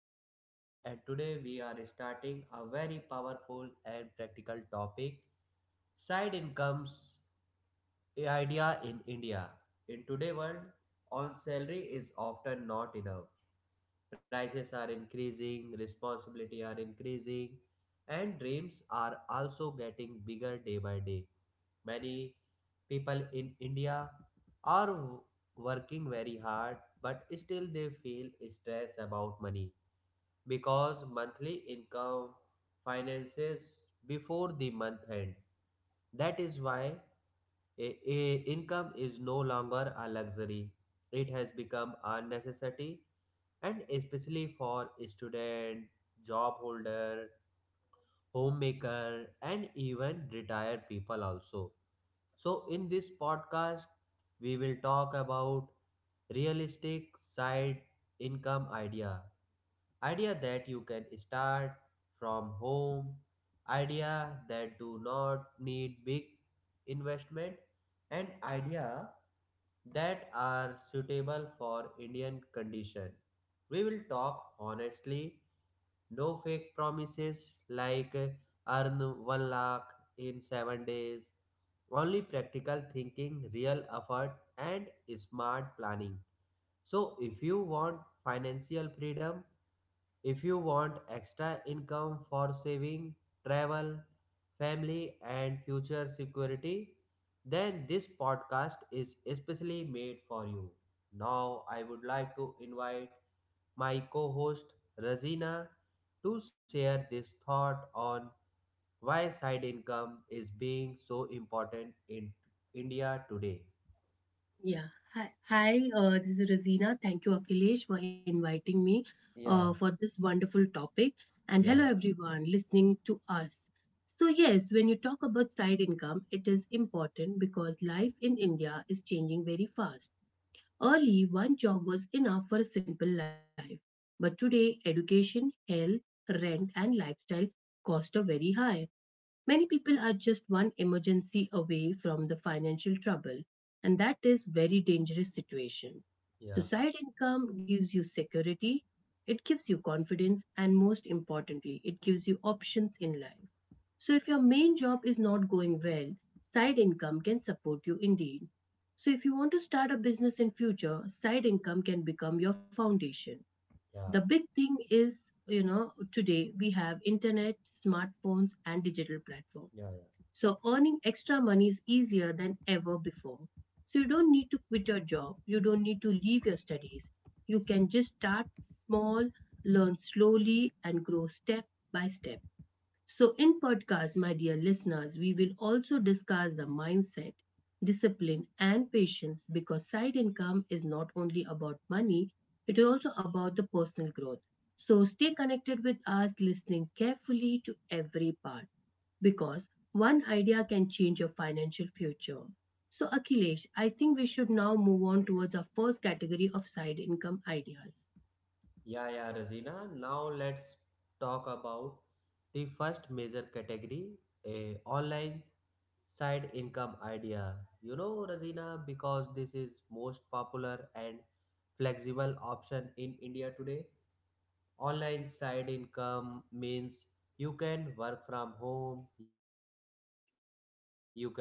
podcast. And today we are starting a very powerful and practical topic, side incomes idea in India. In today's world, on salary is often not enough. Prices are increasing, responsibility are increasing, and dreams are also getting bigger day by day. Many people in India are working very hard, but still they feel stress about money because monthly income finances before the month end. That is why a income is no longer a luxury. It has become a necessity and especially for student, job holder, homemaker and even retired people also. So, in this podcast, we will talk about realistic side income idea. Idea that you can start from home, idea that do not need big investment, and idea that are suitable for Indian condition. We will talk honestly, no fake promises like earn 1 lakh in 7 days. Only practical thinking, real effort, and smart planning. So, if you want financial freedom, if you want extra income for saving, travel, family, and future security, then this podcast is especially made for you. Now, I would like to invite my co host Razina to share this thought on why side income is being so important in India today. Yeah. Hi. This is Rosina. Thank you, Akhilesh, for inviting me for Yeah, this wonderful topic. And hello, yeah, yeah, everyone listening to us. So, yes, when you talk about side income, it is important because life in India is changing very fast. Early, one job was enough for a simple life. But today, education, health, rent, and lifestyle cost are very high. Many people are just one emergency away from the financial trouble, and that is very dangerous situation. So yeah, side income gives you security, it gives you confidence, and most importantly, it gives you options in life. So if your main job is not going well, side income can support you indeed. So if you want to start a business in future, side income can become your foundation. yeah, The big thing is, today we have internet, smartphones and digital platforms yeah. so earning extra money is easier than ever before. So you don't need to quit your job. You don't need to leave your studies. You can just start small, learn slowly, and grow step by step. So, in podcast, my dear listeners, we will also discuss the mindset, discipline, and patience because side income is not only about money, it is also about the personal growth. So, stay connected with us, listening carefully to every part because one idea can change your financial future. So, Akhilesh, I think we should now move on towards our first category of side income ideas. Yeah, yeah, Razina. Now let's talk about the first major category, a online side income idea. You know, Razina, because this is most popular and flexible option in India today. Online side income means you can work from home, you can work after office hour,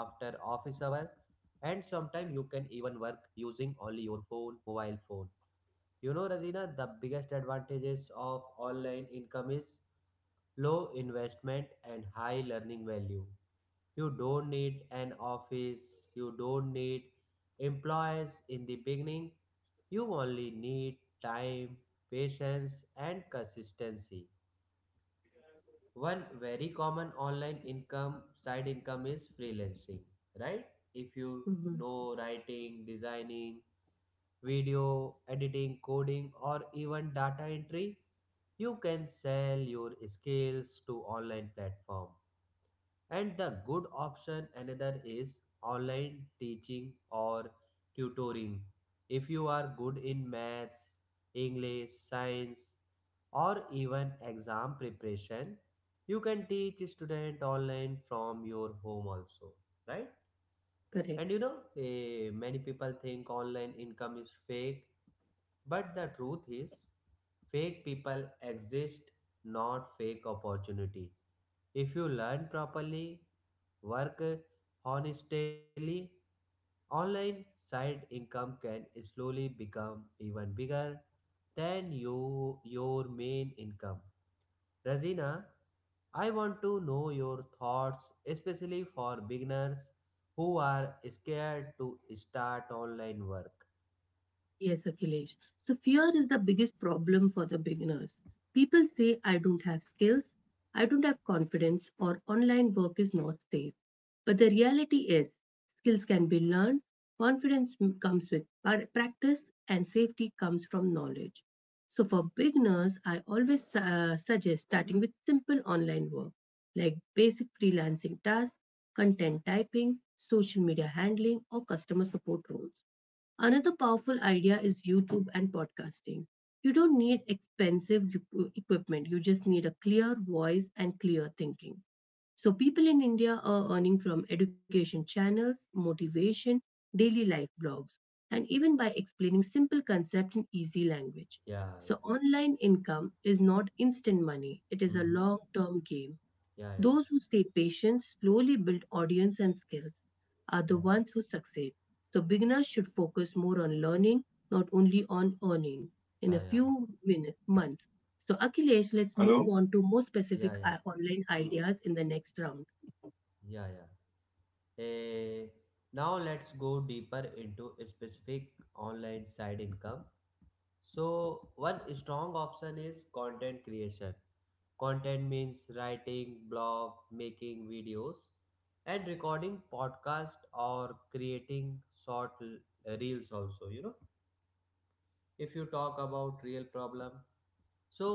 and sometimes you can even work using only your phone, mobile phone. You know, Razina, the biggest advantages of online income is low investment and high learning value. You don't need an office, you don't need employees in the beginning. You only need time, patience, and consistency. One very common online income side income is freelancing, right? If you Mhm. know writing, designing, video editing, coding, or even data entry. You can sell your skills to online platform. And the good option another is online teaching or tutoring. If you are good in maths, English, science, or even exam preparation, you can teach student online from your home also, right? And Correct. you know, many people think online income is fake, but the truth is, fake people exist, not fake opportunity. If you learn properly, work honestly, online side income can slowly become even bigger than you, your main income. Razina, I want to know your thoughts, especially for beginners who are scared to start online work. Yes, Akhilesh. So fear is the biggest problem for the beginners. People say, I don't have skills, I don't have confidence, or online work is not safe. But the reality is, skills can be learned, confidence comes with practice, and safety comes from knowledge. So for beginners, I always suggest starting with simple online work like basic freelancing tasks, content typing, social media handling, or customer support roles. Another powerful idea is YouTube and podcasting. You don't need expensive equipment, you just need a clear voice and clear thinking. So, people in India are earning from education channels, motivation, daily life blogs, and even by explaining simple concepts in easy language. Yeah, yeah. So, online income is not instant money, it is a Mm-hmm. long term game. Yeah, yeah. Those who stay patient, slowly build audience and skills, are the Yeah. ones who succeed. So beginners should focus more on learning, not only on earning in a Yeah, yeah. few minutes, months. So Akhilesh, let's Hello? Move on to more Yeah, specific yeah. Online ideas in the next round. Yeah, yeah. Eh, now let's go deeper into a specific online side income. So one strong option is content creation. Content means writing, blog, making videos, and recording podcast or creating short reels also. You know, if you talk about real problem, so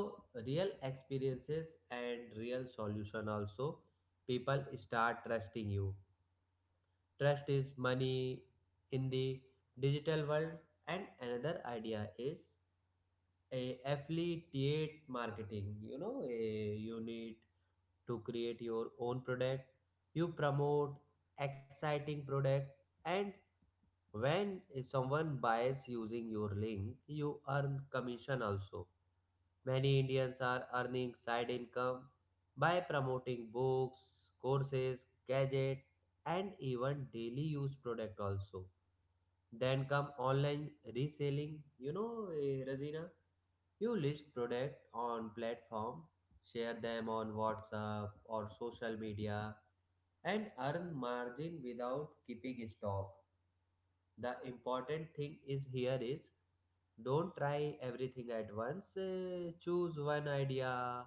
real experiences and real solution also, people start trusting you. Trust is money in the digital world. And another idea is a affiliate marketing. You know, you need to create your own product. You promote exciting product, and when someone buys using your link, you earn commission also. Many Indians are earning side income by promoting books, courses, gadget and even daily use product also. Then come online reselling. You know, Razina, you list product on platform, share them on WhatsApp or social media and earn margin without keeping stock. The important thing is here is don't try everything at once. Choose one idea,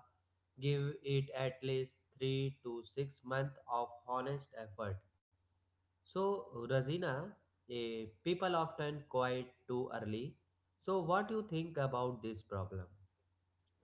give it at least 3 to 6 months of honest effort. So, Razina, people often quit too early. So, what do you think about this problem?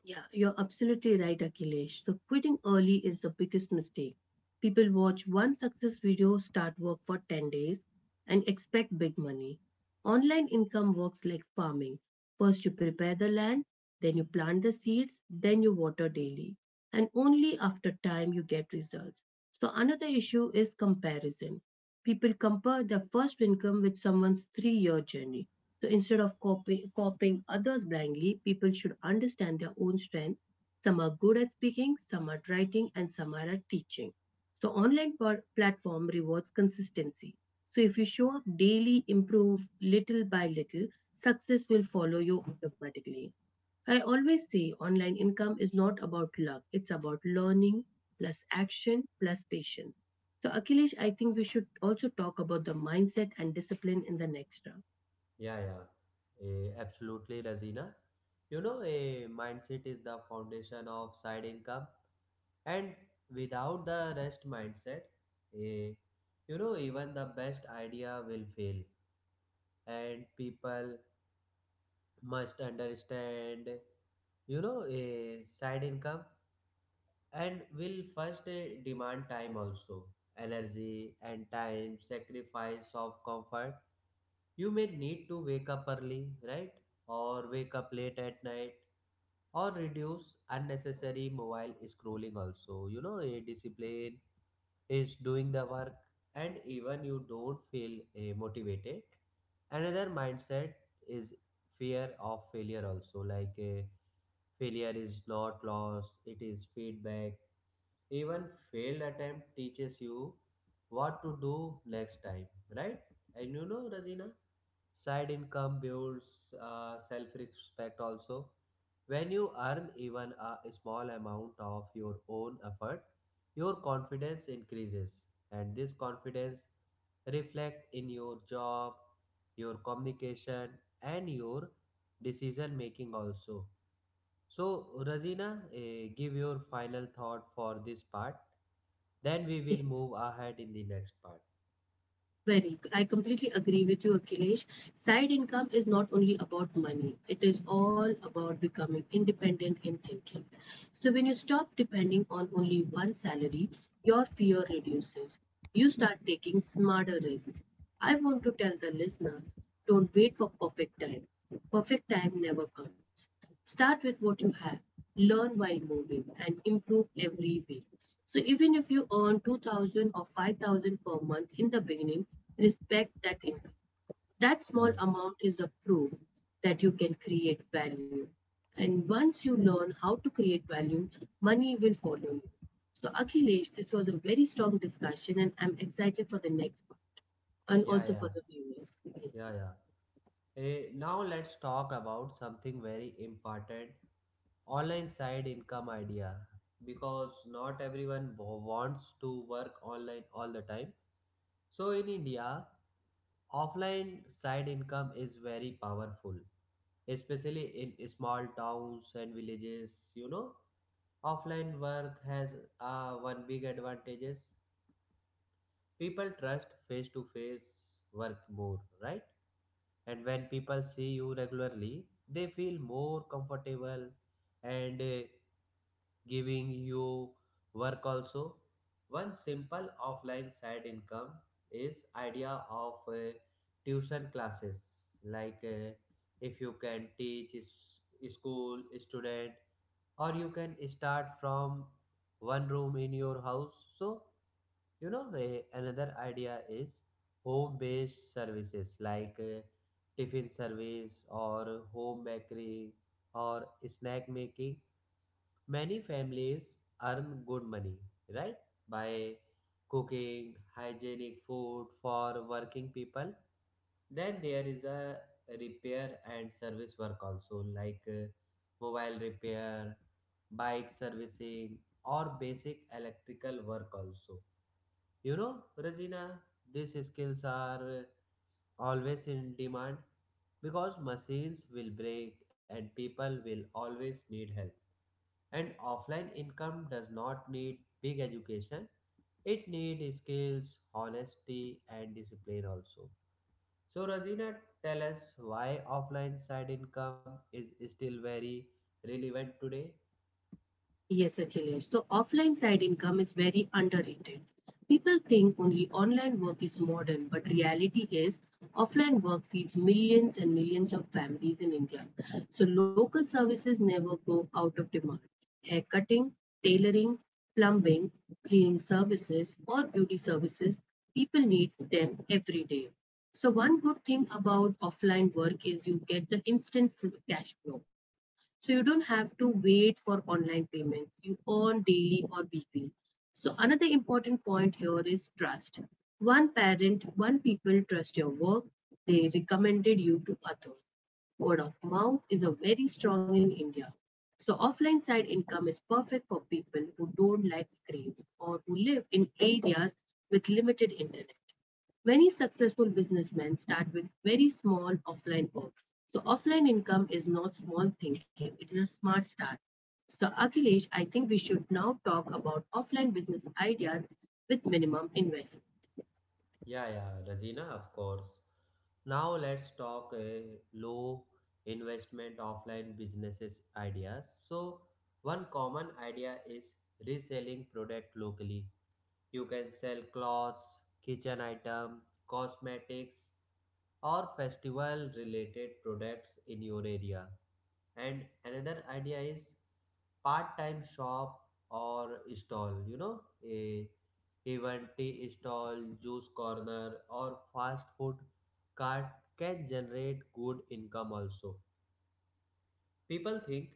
Yeah, you're absolutely right, Akhilesh. So quitting early is the biggest mistake. People watch one success video, start work for 10 days, and expect big money. Online income works like farming. First, you prepare the land, then, you plant the seeds, then, you water daily. And only after time you get results. So, another issue is comparison. People compare their first income with someone's 3-year journey. So, instead of copying others blindly, people should understand their own strength. Some are good at speaking, some are at writing, and some are at teaching. So online platform rewards consistency. So if you show up daily, improve little by little, success will follow you automatically. I always say online income is not about luck, it's about learning plus action plus patience. So Akhilesh, I think we should also talk about the mindset and discipline in the next round. Yeah, yeah, absolutely, Razina. You know, a mindset is the foundation of side income, and without the rest mindset, a even the best idea will fail, and people must understand, a side income, and will first demand time also, energy and time, sacrifice of comfort. You may need to wake up early, right? Or wake up late at night, or reduce unnecessary mobile scrolling also. You know, a discipline is doing the work, and even you don't feel motivated. Another mindset is fear of failure also, like failure is not loss, it is feedback. Even failed attempt teaches you what to do next time, right? And you know, Razina? Side income builds self respect also. When you earn even a small amount of your own effort, your confidence increases, and this confidence reflects in your job, your communication, and your decision making also. So, Razina, give your final thought for this part. Then we will Yes. move ahead in the next part. Very. I completely agree with you, Akhilesh. Side income is not only about money, it is all about becoming independent in thinking. So, when you stop depending on only one salary, your fear reduces. You start taking smarter risks. I want to tell the listeners don't wait for perfect time. Perfect time never comes. Start with what you have, learn while moving, and improve every week. So, even if you earn 2000 or 5000 per month in the beginning, respect that income. That Yeah, small yeah. amount is a proof that you can create value. And once you learn how to create value, money will follow you. So, Akhilesh, this was a very strong discussion, and I'm excited for the next part, and Yeah, also yeah, for the viewers. yeah, yeah. Now let's talk about something very important online side income idea, because not everyone wants to work online all the time. So in India, offline side income is very powerful, especially in small towns and villages. You know, offline work has one big advantages. People trust face to face work more, right? And when people see you regularly, they feel more comfortable and giving you work also. One simple offline side income is idea of tuition classes. Like, if you can teach school student, or you can start from one room in your house. So you know, another idea is home based services, like tiffin service or home bakery or snack making. Many families earn good money, right? By cooking hygienic food for working people. Then there is a repair and service work also, like mobile repair, bike servicing, or basic electrical work also. You know, Regina, these skills are always in demand because machines will break and people will always need help. And offline income does not need big education, it needs skills, honesty, and discipline also. So, Regina, tell us why offline side income is still very relevant today. Yes, Akhilesh. So offline side income is very underrated. People think only online work is modern, but reality is offline work feeds millions and millions of families in India. So local services never go out of demand: haircutting, tailoring, plumbing, cleaning services, or beauty services, people need them every day. So, one good thing about offline work is you get the instant cash flow. So, you don't have to wait for online payments, you earn daily or weekly. So, another important point here is trust. One parent, one people trust your work, they recommended you to others. Word of mouth is a very strong in India. So offline side income is perfect for people who don't like screens or who live in areas with limited internet. Many successful businessmen start with very small offline work. So offline income is not small thinking, it is a smart start. So Akhilesh, I think we should now talk about offline business ideas with minimum investment. Yeah, yeah, Razina, of course. Now let's talk a low investment offline businesses ideas. So one common idea is reselling product locally. You can sell clothes, kitchen item, cosmetics or festival related products in your area. And another idea is part-time shop or stall. You know, a even tea stall, juice corner, or fast food cart can generate good income also. People think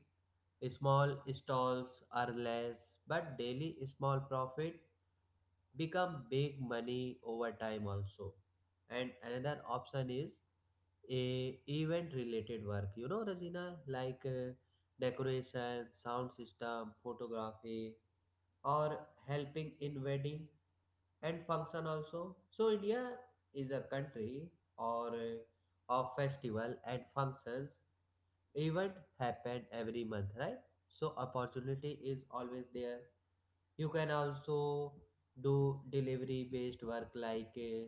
small stalls are less, but daily small profit become big money over time also. And another option is a event related work, you know Rajina, like decoration, sound system, photography, or helping in wedding and function also. So India is a country or of festival and functions. Event happen every month, right? So opportunity is always there. You can also do delivery based work, like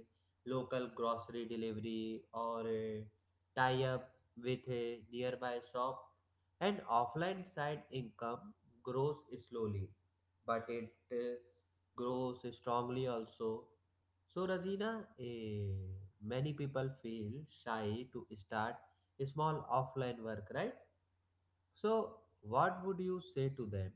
local grocery delivery, or tie up with a nearby shop. And offline side income grows slowly, but it grows strongly also. So, Razina, many people feel shy to start small offline work, right? So, what would you say to them?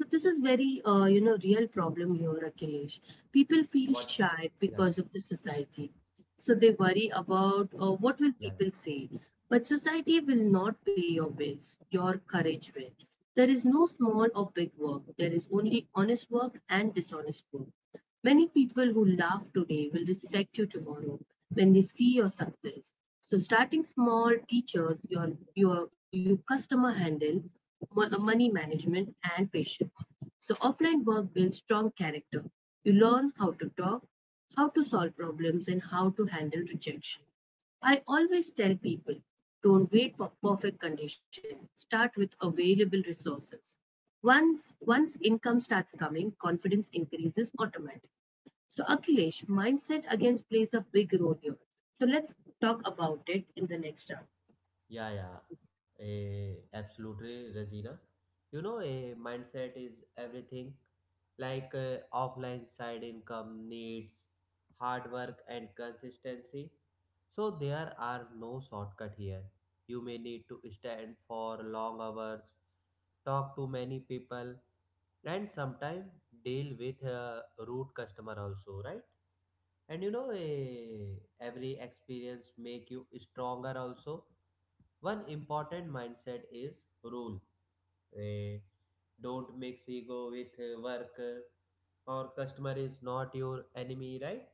So this is very, real problem here, What? Akhilesh. Yeah, People feel shy because of the society. So they worry yeah, yeah, about yeah. What will people say. But society will not pay your bills. Your courage will. There is no small or big work. There is only honest work and dishonest work. Many people who laugh today will respect you tomorrow when they see your success. So starting small teaches your customer handle, money management and patience. So offline work builds strong character. You learn how to talk, how to solve problems and how to handle rejection. I always tell people don't wait for perfect conditions. Start with available resources. Once income starts coming, confidence increases automatically. So, Akhilesh, mindset again plays a big role here. So, let's talk about it in the next round. Yeah, yeah, absolutely, Regina. You know, a mindset is everything. Like offline side income needs hard work and consistency. So there are no shortcut here. You may need to stand for long hours, talk to many people, and sometimes deal with a rude customer also, right? And you know, every experience make you stronger also. One important mindset is rule. Eh, don't mix ego with work or customer is not your enemy, right?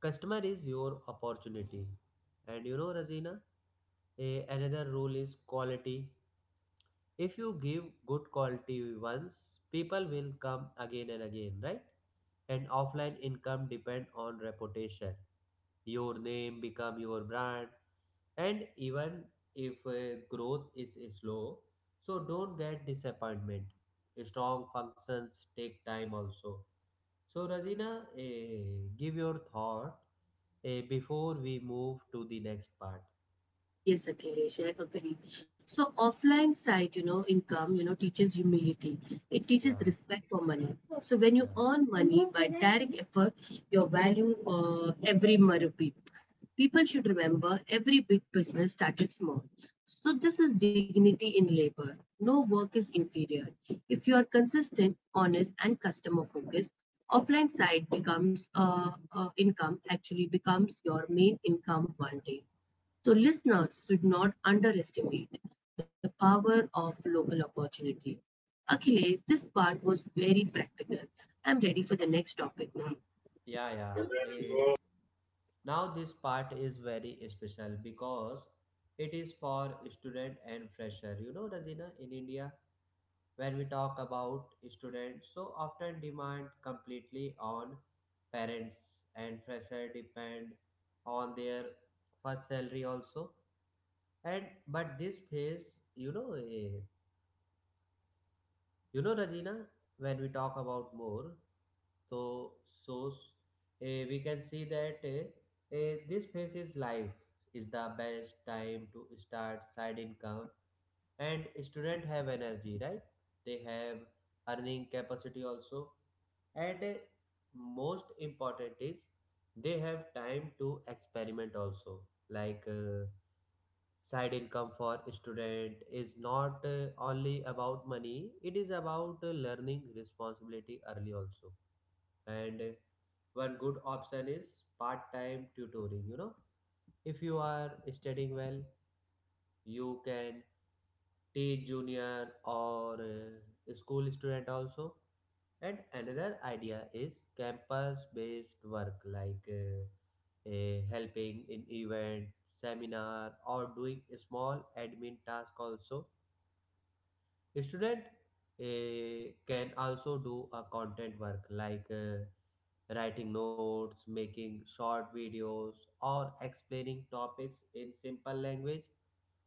Customer is your opportunity. And you know, Razina, another rule is quality. If you give good quality once, people will come again and again, right? And offline income depend on reputation. Your name become your brand. And even if growth is slow, so don't get disappointment. Strong functions take time also. So Razina, give your thought before we move to the next part. Yes, Akhilesh, I agree. So offline side income teaches humility. It Yeah, teaches respect for money. So when yeah, you earn money by direct effort, your value every rupee. People should remember every big business started small. So this is dignity in labor. No work is inferior. If you are consistent, honest, and customer focused, offline side becomes income actually becomes your main income one day. So, listeners should not underestimate the power of local opportunity. Achilles, this part was very practical. I'm ready for the next topic now. yeah, yeah. Now this part is very special because it is for student and fresher. You know, Razina, in India, when we talk about students so often demand completely on parents, and fresher depend on their first salary also. And but this phase, you know eh, you know Rajina, when we talk about more, so so we can see that this phase is life is the best time to start side income. And student have energy, right? They have earning capacity also. And most important is they have time to experiment also. Like side income for student is not only about money, it is about learning responsibility early also. And one good option is part-time tutoring, you know. If you are studying well, you can teach junior or school student also. And another idea is campus-based work, like helping in event, seminar, or doing a small admin task. Also, a student can also do a content work like writing notes, making short videos, or explaining topics in simple language.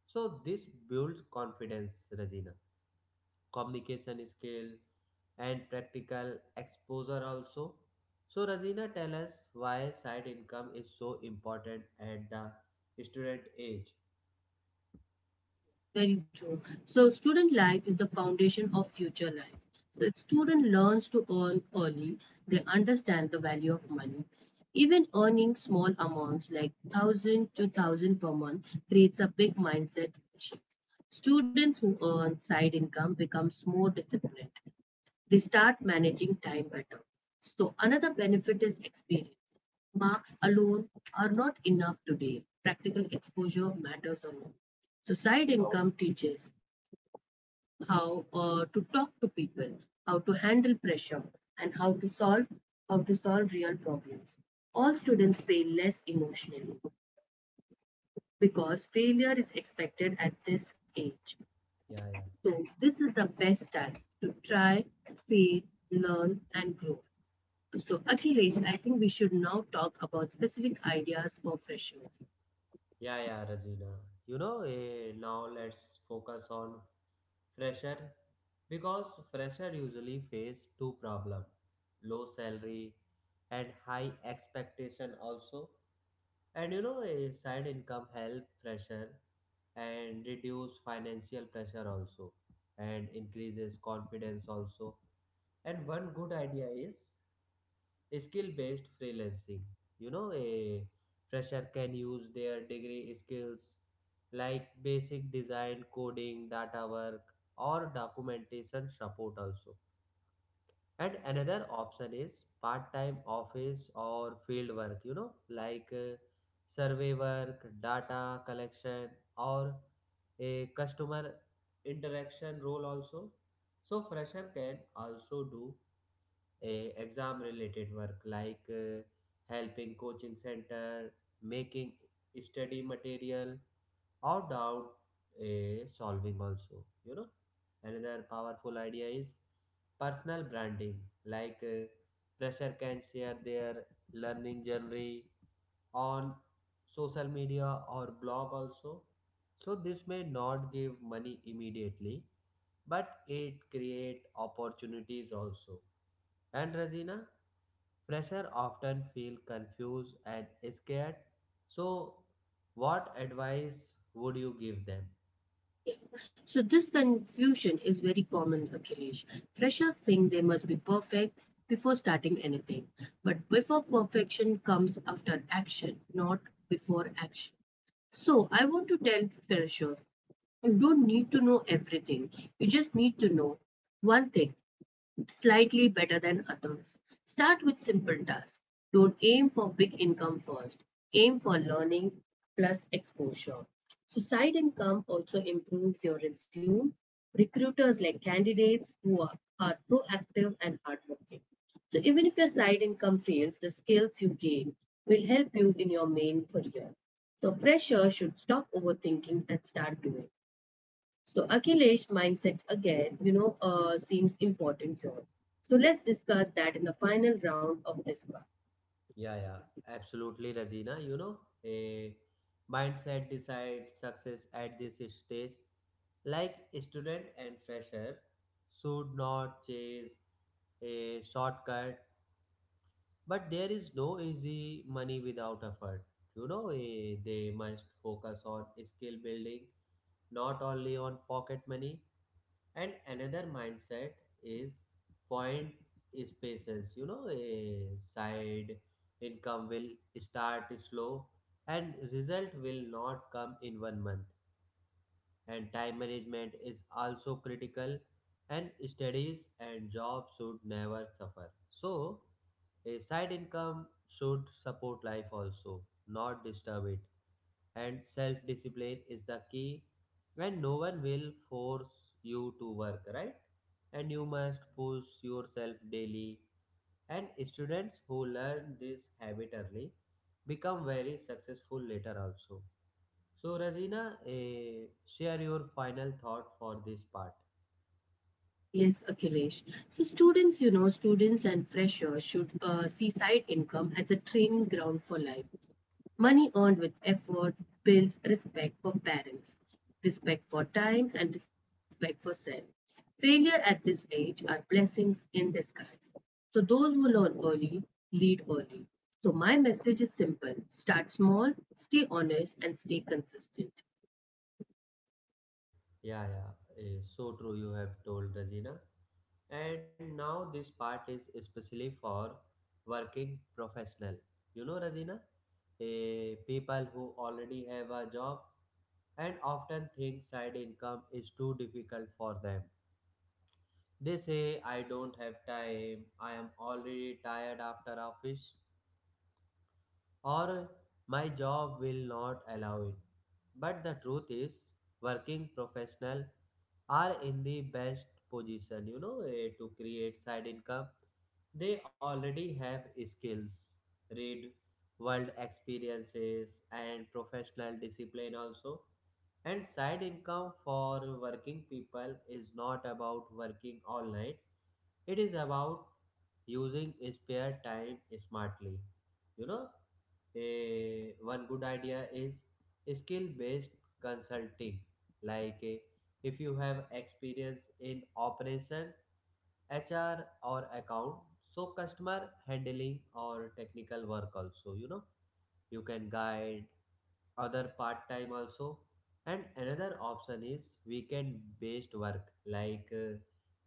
So this builds confidence, Regina, communication skill, and practical exposure also. So Razina, tell us why side income is so important at the student age. Very true. So, student life is the foundation of future life. So, if student learns to earn early, they understand the value of money. Even earning small amounts like 1000 to 1000 per month creates a big mindset shift. Students who earn side income becomes more disciplined. They start managing time better. So, another benefit is experience. Marks alone are not enough today. Practical exposure matters a lot. So, side income teaches how to talk to people, how to handle pressure, and how to solve real problems. All students fail less emotionally because failure is expected at this age. Yeah, yeah. So, this is the best time to try, fail, learn, and grow. So, Akhilesh, I think we should now talk about specific ideas for freshers. Yeah, yeah, Razina. Now let's focus on fresher because fresher usually face two problem, low salary, and high expectation also. A side income help pressure and reduce financial pressure also, and increases confidence also. And one good idea is skill based freelancing. A fresher can use their degree skills like basic design, coding, data work, or documentation support also. And another option is part-time office or field work, like survey work, data collection, or a customer interaction role also. So fresher can also do a exam related work, like helping coaching center, making study material, or doubt a solving also you know Another powerful idea is personal branding, like fresher can share their learning journey on social media or blog also. So this may not give money immediately, but it create opportunities also. And Razina, fresher often feel confused and scared. So, what advice would you give them? So, this confusion is very common, Akhilesh. Freshers think they must be perfect before starting anything, but before perfection comes after action, not before action. So, I want to tell freshers you don't need to know everything, you just need to know one thing slightly better than others. Start with simple tasks. Don't aim for big income first. Aim for learning plus exposure. So side income also improves your resume. Recruiters like candidates who are proactive and hardworking. So even if your side income fails, the skills you gain will help you in your main career. So freshers should stop overthinking and start doing. So Akhilesh mindset again, seems important here. So let's discuss that in the final round of this part. Yeah, yeah, absolutely, Razina. A mindset decides success at this stage. Like student and fresher should not chase a shortcut, but there is no easy money without effort. They must focus on skill building, not only on pocket money. And another mindset is point spaces. A side income will start slow, and result will not come in 1 month. And time management is also critical, and studies and job should never suffer. So a side income should support life also, not disturb it. And self discipline is the key, and no one will force you to work, right? And you must push yourself daily, and students who learn this habit early become very successful later also. So Razina, share your final thought for this part. Yes, Akhilesh. So students and freshers should see side income as a training ground for life. Money earned with effort builds respect for parents, respect for time, and respect for self. Failure at this age are blessings in disguise. So, those who learn early lead early. So, my message is simple start small, stay honest, and stay consistent. Yeah, yeah, so true you have told Regina. And now this part is especially for working professional. Regina, people who already have a job and often think side income is too difficult for them. They say, I don't have time, I am already tired after office, or my job will not allow it. But the truth is, working professionals are in the best position, to create side income. They already have skills, read world experiences, and professional discipline also. And side income for working people is not about working all night. It is about using spare time smartly. You know, One good idea is skill based consulting. Like if you have experience in operation, HR, or account, so customer handling or technical work also, you can guide other part time also. And another option is weekend based work, like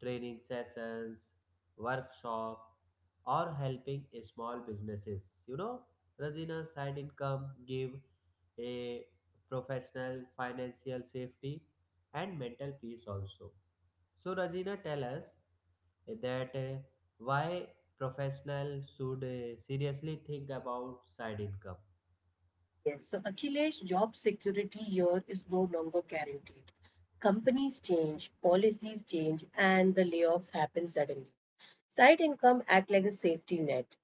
training sessions, workshop, or helping small businesses you know Rajina, side income give a professional financial safety and mental peace also. So Rajina, tell us that why professional should seriously think about side income. Yes, so Akhilesh, job security here is no longer guaranteed. Companies change, policies change, and the layoffs happen suddenly. Side income act like a safety net.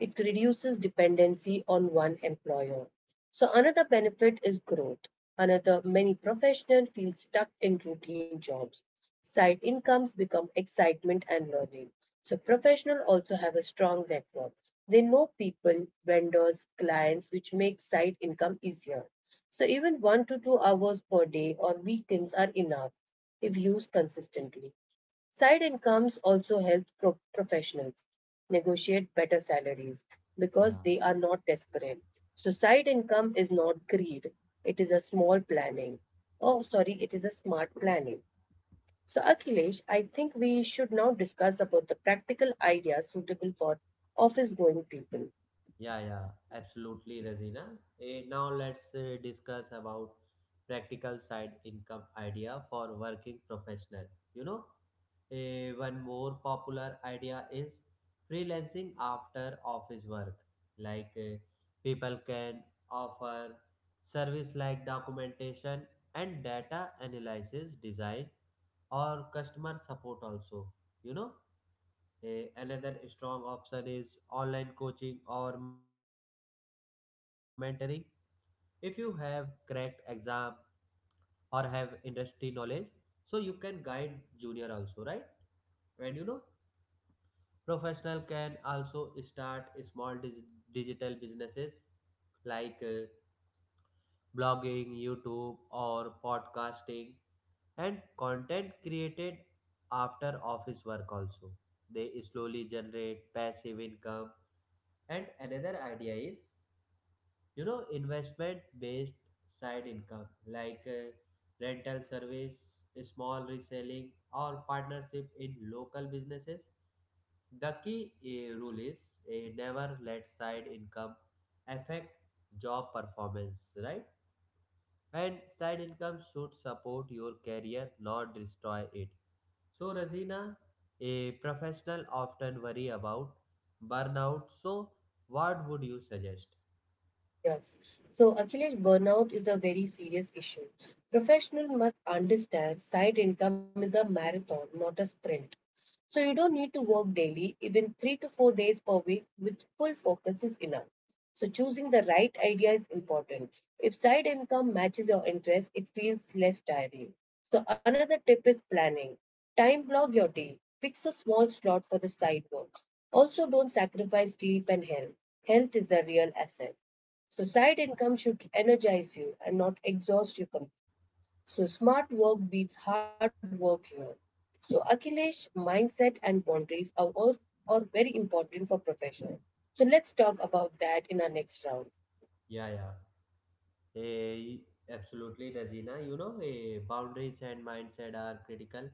It reduces dependency on one employer. So another benefit is growth. Another many professionals feel stuck in routine jobs. Side incomes become excitement and learning. So professionals also have a strong network. They know people, vendors, clients, which makes side income easier. So even 1 to 2 hours per day or weekends are enough if used consistently. Side incomes also help professionals negotiate better salaries because Yeah. they are not desperate. So, side income is not greed, it is a small planning. Oh, sorry, it is a smart planning. So, Akhilesh, I think we should now discuss about the practical ideas suitable for office going people. Yeah, yeah, absolutely, Razina. Now let's discuss about practical side income idea for working professional. You know, One more popular idea is freelancing after office work. Like people can offer service like documentation and data analysis, design, or customer support also. You know, Another strong option is online coaching or mentoring, if you have cracked exam or have industry knowledge, so you can guide junior also, right? And professional can also start small digital businesses, like blogging, YouTube, or podcasting, and content created after office work also, they slowly generate passive income. And another idea is investment based side income, like rental service, small reselling, or partnership in local businesses. The key rule is, never let side income affect job performance, right? And side income should support your career, not destroy it. So Razina, a professional often worry about burnout, so what would you suggest? Yes. So Akhilesh, burnout is a very serious issue. Professionals must understand side income is a marathon, not a sprint. So you don't need to work daily, even 3 to 4 days per week with full focus is enough. So choosing the right idea is important. If side income matches your interest, it feels less tiring. So another tip is planning. Time block your day. Fix a small slot for the side work. Also don't sacrifice sleep and health. Health is the real asset. So side income should energize you and not exhaust you. So smart work beats hard work here. So Akhilesh, mindset and boundaries are, all, are very important for professionals. So let's talk about that in our next round. Yeah, yeah. Eh, Absolutely, Razina. Boundaries and mindset are critical,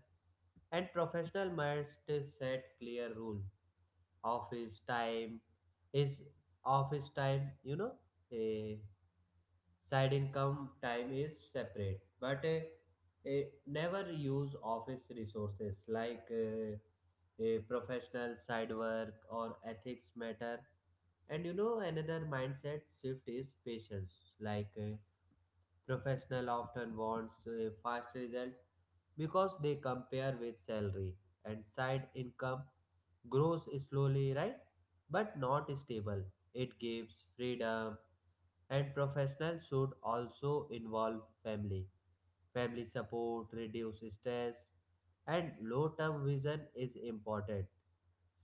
and professional must set clear rule. Office time is office time. Eh, Side income time is separate, but never use office resources, like professional side work or ethics matter. Another mindset shift is patience, like, professional often wants a fast result, because they compare with salary, and side income grows slowly, right? But not stable. It gives freedom, and professional should also involve family. Family support, reduce stress, and long-term vision is important.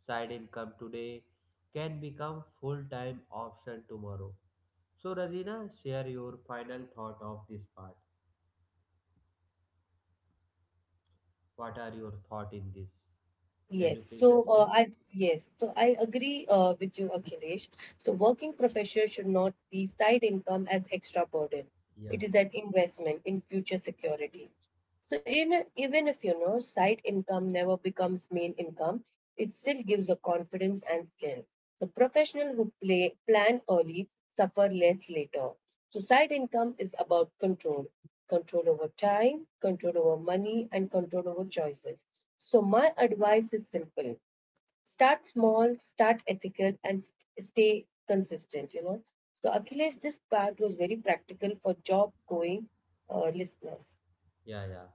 Side income today can become full-time option tomorrow. So, Razina, share your final thought of this part. What are your thought in this? Can Yes, you please so uh, explain? I yes, so I agree with you, Akhilesh. So working professionals should not see side income as extra burden. Yeah, It is an investment in future security. So in, even if you know side income never becomes main income, it still gives a confidence and skill. The professional who play plan early suffer less later. So side income is about control, control over time, control over money, and control over choices. So my advice is simple. Start small, start ethical, and stay consistent, you know. So Akhilesh, this part was very practical for job going listeners. yeah, yeah.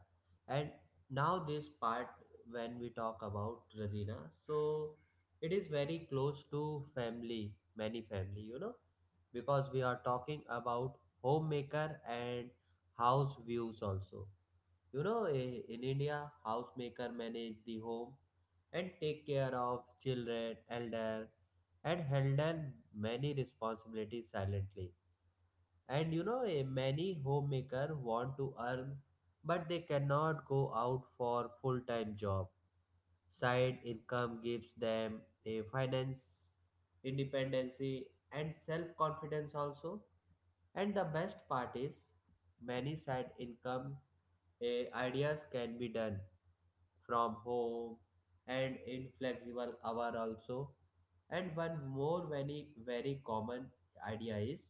And now this part, when we talk about Razina, so it is very close to family, many family, because we are talking about homemaker and house views also. In India, housemaker manage the home and take care of children, elder, and handle many responsibilities silently. And you know, a many homemaker want to earn, but they cannot go out for full-time job. Side income gives them a finance independency and self-confidence also. And the best part is, many side income ideas can be done from home and inflexible hour also. And one more very very common idea is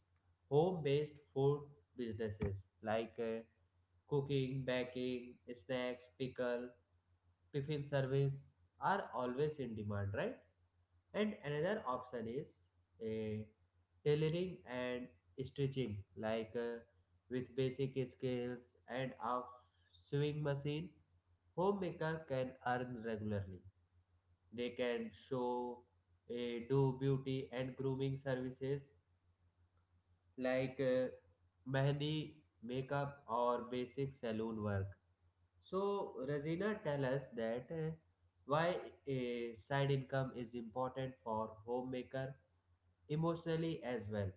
home based food businesses, like cooking, baking, snacks, pickle, tiffin service are always in demand, right? And another option is a tailoring and stitching, like with basic skills and a sewing machine, homemaker can earn regularly. They can show, do beauty and grooming services, like mehndi, makeup, or basic saloon work. So, Razina, tell us that why a side income is important for homemaker emotionally as well.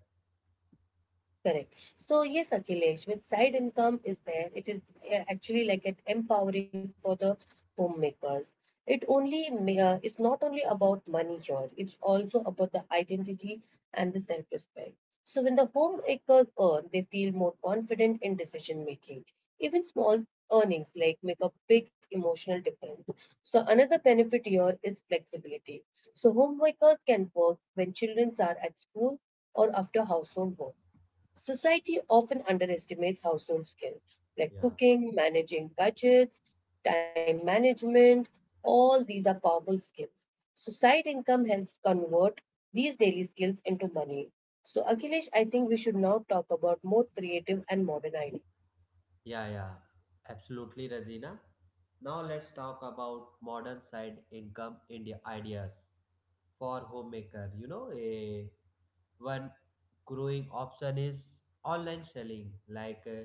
Correct. So yes, Akhilesh, with side income is there, it is actually like an empowering for the homemakers. It It's not only about money here; it's also about the identity and the self-respect. So when the homemakers earn, they feel more confident in decision making. Even small earnings like make a big emotional difference. So another benefit here is flexibility. So homemakers can work when children are at school or after household work. Society often underestimates household skills like Yeah, cooking, managing budgets, time management. All these are powerful skills. So side income helps convert these daily skills into money. So Akhilesh, I think we should now talk about more creative and modern ideas. yeah, yeah, absolutely, Razina. Now let's talk about modern side income India ideas for homemaker. You know, a One growing option is online selling, like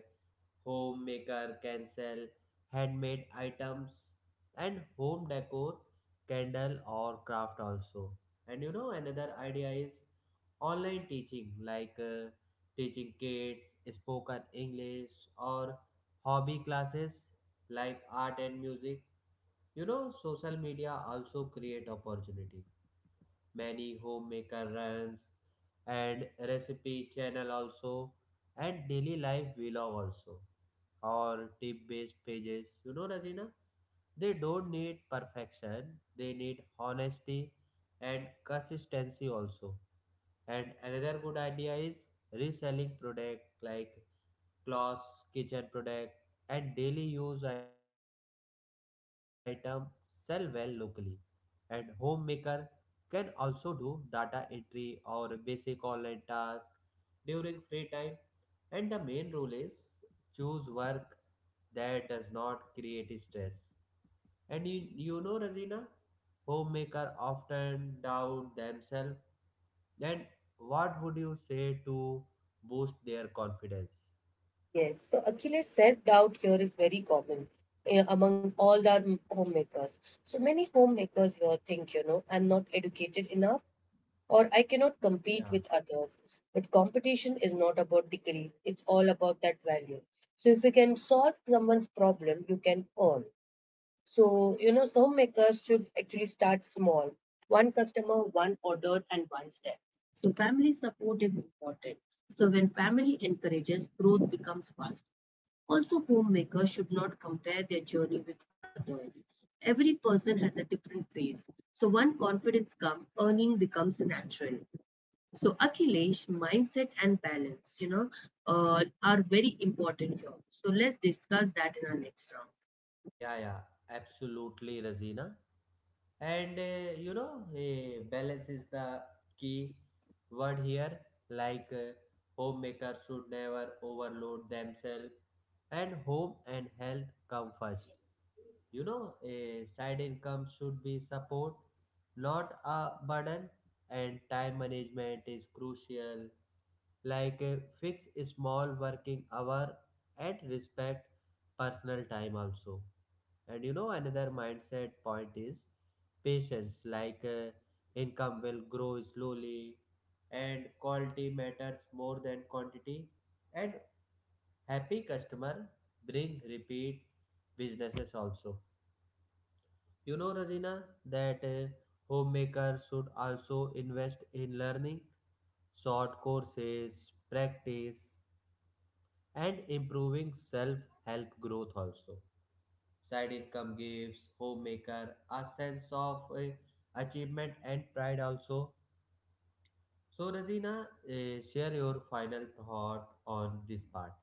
homemaker can sell handmade items and home decor, candle, or craft also. And another idea is online teaching, like teaching kids spoken English, or hobby classes like art and music. Social media also create opportunity, many homemaker runs and recipe channel also, and daily life vlog also, or tip based pages. Rajina, they don't need perfection, they need honesty and consistency also. And another good idea is reselling product, like clothes, kitchen product, and daily use item sell well locally. And homemaker can also do data entry or basic online tasks during free time. And the main rule is, choose work that does not create stress. And Razina, homemaker often doubt themselves, then what would you say to boost their confidence? Yes. So Akhilesh, self-doubt here is very common among all our homemakers. So many homemakers here think, you know, I'm not educated enough or I cannot Yeah, compete with others. But competition is not about degrees, it's all about that value. So if you can solve someone's problem, you can earn. So, you know, some makers should actually start small one customer, one order, and one step. So, family support is important. So, when family encourages, growth becomes fast. Also, homemakers should not compare their journey with others. Every person has a different phase. So, one confidence comes, earning becomes natural. So Akhilesh, mindset and balance, you know, are very important here. So let's discuss that in our next round. yeah. Yeah, absolutely, Razina. And balance is the key word here, like homemakers should never overload themselves. And home and health come first. You know a side income should be support, not a burden. And time management is crucial, like fix small working hour and respect personal time also. And another mindset point is patience, like income will grow slowly, and quality matters more than quantity. And happy customer bring repeat businesses also. Rajina, that homemakers should also invest in learning short courses, practice, and improving self help growth also. Side income gives homemaker a sense of achievement and pride also. So Razina, share your final thought on this part.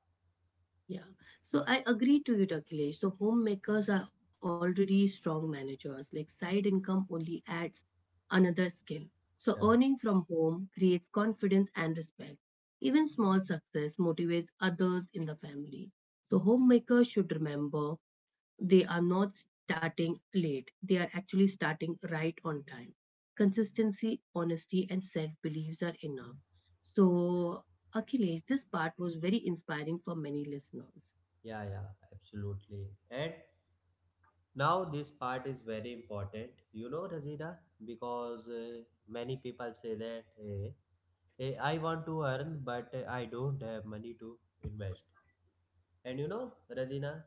Yeah, so I agree to you, Akhilesh. So homemakers are already strong managers. Like side income only adds another skill. So earning Yeah, from home creates confidence and respect. Even small success motivates others in the family. So homemakers should remember they are not starting late. They are actually starting right on time. Consistency, honesty, and self beliefs are enough. So, Akhilesh, this part was very inspiring for many listeners. yeah, yeah, absolutely. And now this part is very important. Razina, because many people say that I want to earn, but I don't have money to invest. Rajina,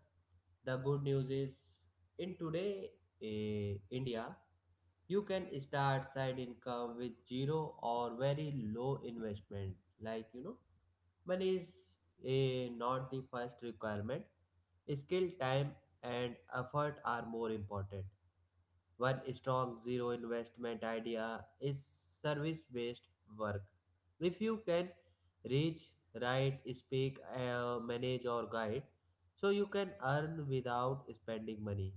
the good news is in today India, you can start side income with zero or very low investment. Like money is not the first requirement. Skill, time, and effort are more important. One strong zero investment idea is service based work. If you can reach, write, speak, manage, or guide, so you can earn without spending money.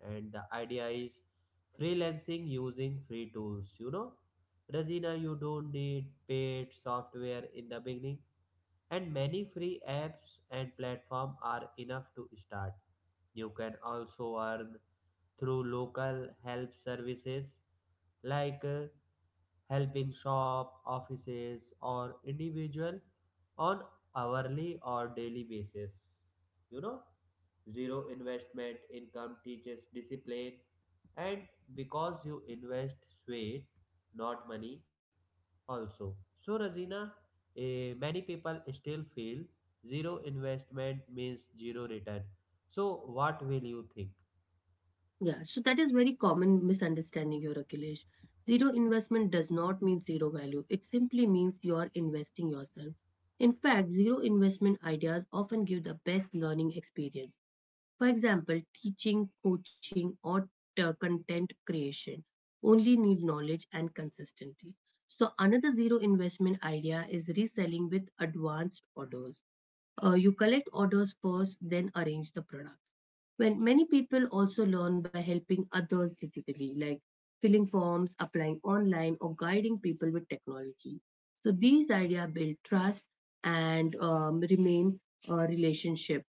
And the idea is freelancing using free tools. Razina, you don't need paid software in the beginning, and many free apps and platforms are enough to start. You can also earn through local help services, like helping shop, offices, or individual on hourly or daily basis. You know, Zero investment income teaches discipline, and because you invest sweat, not money, also. So, Razina, many people still feel zero investment means zero return. So, what will you think? Yeah, so that is very common misunderstanding here, Akhilesh. Zero investment does not mean zero value. It simply means you are investing yourself. In fact, zero investment ideas often give the best learning experience. For example, teaching, coaching, or content creation only need knowledge and consistency. So, another zero investment idea is reselling with advanced orders. You collect orders first, then arrange the products. When many people also learn by helping others digitally, like filling forms, applying online, or guiding people with technology. So these ideas build trust and remain a relationship.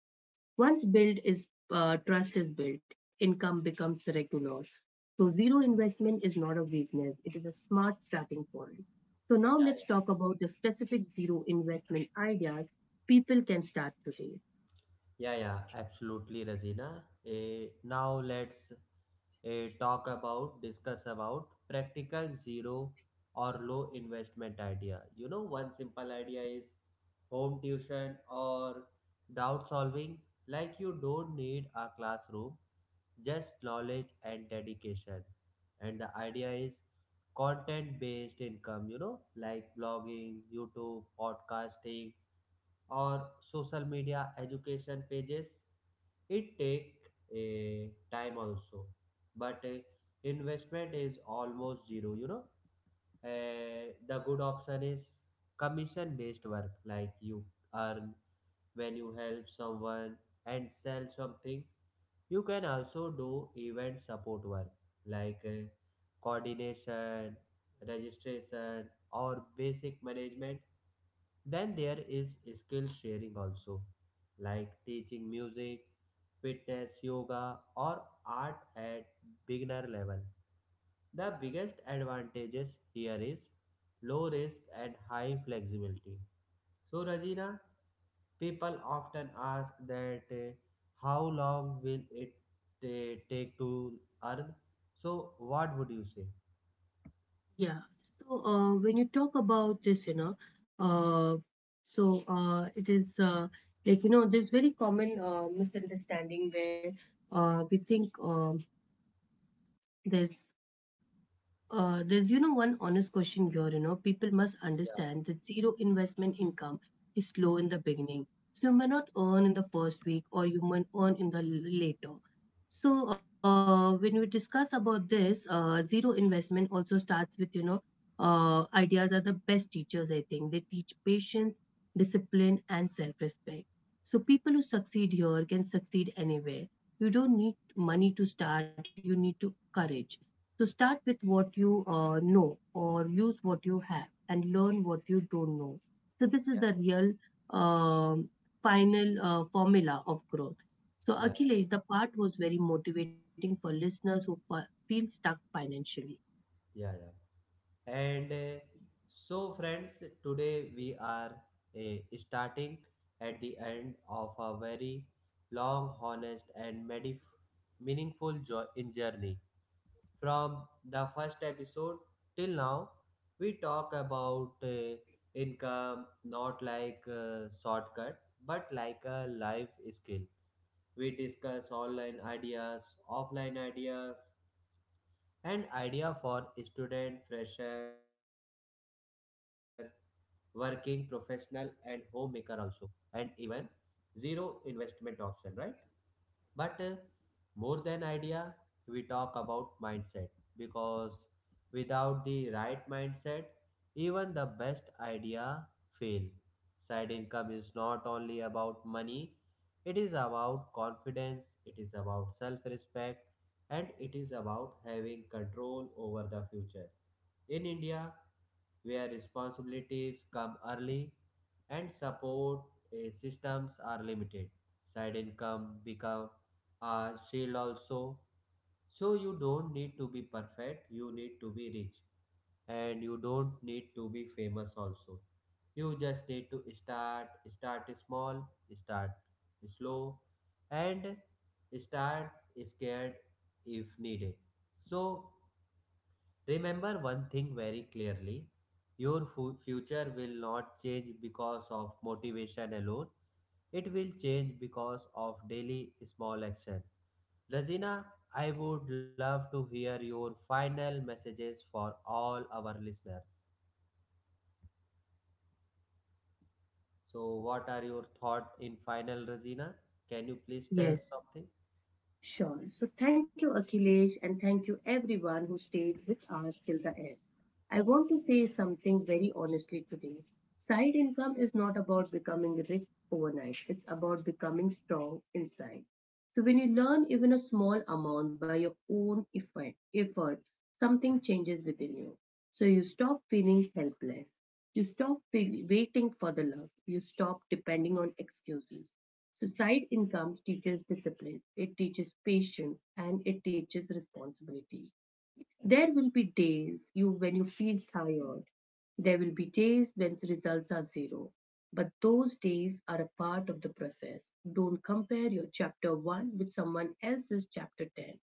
Once build is trust is built, income becomes regular. So zero investment is not a weakness; it is a smart starting point. So now let's Yeah. talk about the specific zero investment ideas people can start today. Yeah, yeah, absolutely, Razina. Now let's discuss about practical zero or low investment idea. One simple idea is home tuition or doubt solving. Like, you don't need a classroom, just knowledge and dedication. And the idea is content based income, like blogging, YouTube, podcasting, or social media education pages. It take a time also, but investment is almost zero. The good option is commission based work, like you earn when you help someone and sell something. You can also do event support work, like coordination, registration, or basic management. Then there is skill sharing also, like teaching music, fitness, yoga, or art at beginner level. The biggest advantages here is low risk and high flexibility. So, Rajina, people often ask that how long will it take to earn? So, what would you say? Yeah. So when you talk about this, you know, uh, so it is like you know, there's very common misunderstanding where we think there's there's, you know, one honest question here, you know, people must Yeah, understand that zero investment income is low in the beginning. So you may not earn in the first week or you may earn in the later. So when we discuss about this, zero investment also starts with, you know, ideas are the best teachers, I think. They teach patience, discipline, and self-respect. So people who succeed here can succeed anywhere. You don't need money to start, you need to courage. So start with what you know or use what you have and learn what you don't know. So this yeah, is the yeah. real um, final formula of growth. So Yeah, Akhilesh, the part was very motivating for listeners who feel stuck financially. yeah, yeah. And so, friends, today we are starting at the end of a very long, honest, and meaningful in journey. From the first episode till now, we talk about income not like a shortcut but like a life skill. We discuss online ideas, offline ideas, and idea for student, fresher, working professional, and homemaker also, and even zero investment option, right? But more than idea, we talk about mindset, because without the right mindset, even the best idea fail. Side income is not only about money, it is about confidence, it is about self respect, and it is about having control over the future. In India, where responsibilities come early and support systems are limited. Side income become a shield also. So you don't need to be perfect, you need to be rich, and you don't need to be famous also. You just need to start. Start small, start slow, and start scared if needed. So remember one thing very clearly, your future will not change because of motivation alone, it will change because of daily small action. Rajina, I would love to hear your final messages for all our listeners. So, what are your thoughts in final, Rajina? Can you please tell Yes. something? Sure. So thank you, Akhilesh, and thank you everyone who stayed with us till the end. I want to say something very honestly today. Side income is not about becoming rich overnight, it's about becoming strong inside. So when you learn even a small amount by your own effort, effort something changes within you. So you stop feeling helpless. You stop feel, waiting for the love. You stop depending on excuses. So side income teaches discipline, it teaches patience, and it teaches responsibility. There will be days you when you feel tired. There will be days when results are zero. But those days are a part of the process. Don't compare your chapter 1 with someone else's chapter 10.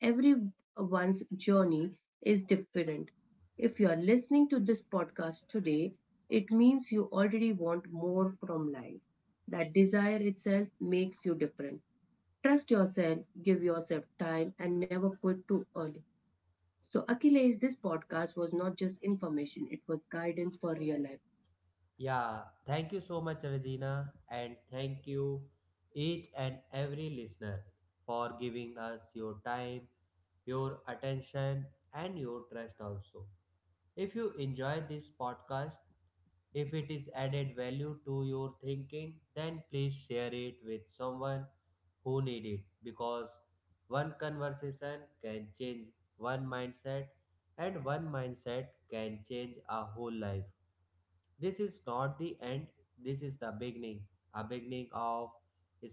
Everyone's journey is different. If you are listening to this podcast today, it means you already want more from life. That desire itself makes you different. Trust yourself, give yourself time, and never quit too early. So, Achilles, this podcast was not just information, it was guidance for real life. Yeah, thank you so much, Regina, and thank you each and every listener for giving us your time, your attention, and your trust also. If you enjoy this podcast, if it is added value to your thinking, then please share it with someone who need it, because one conversation can change one mindset, and one mindset can change a whole life. This is not the end, this is the beginning. A beginning of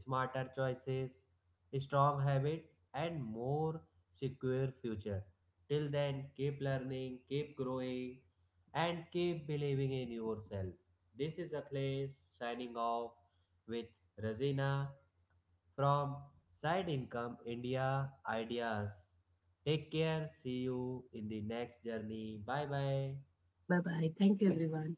smarter choices, strong habit, and more secure future. Till then, keep learning, keep growing, and keep believing in yourself. This is Akhilesh signing off with Razina from Side Income India Ideas. Take care. See you in the next journey. Bye bye. Bye bye. Thank you, everyone.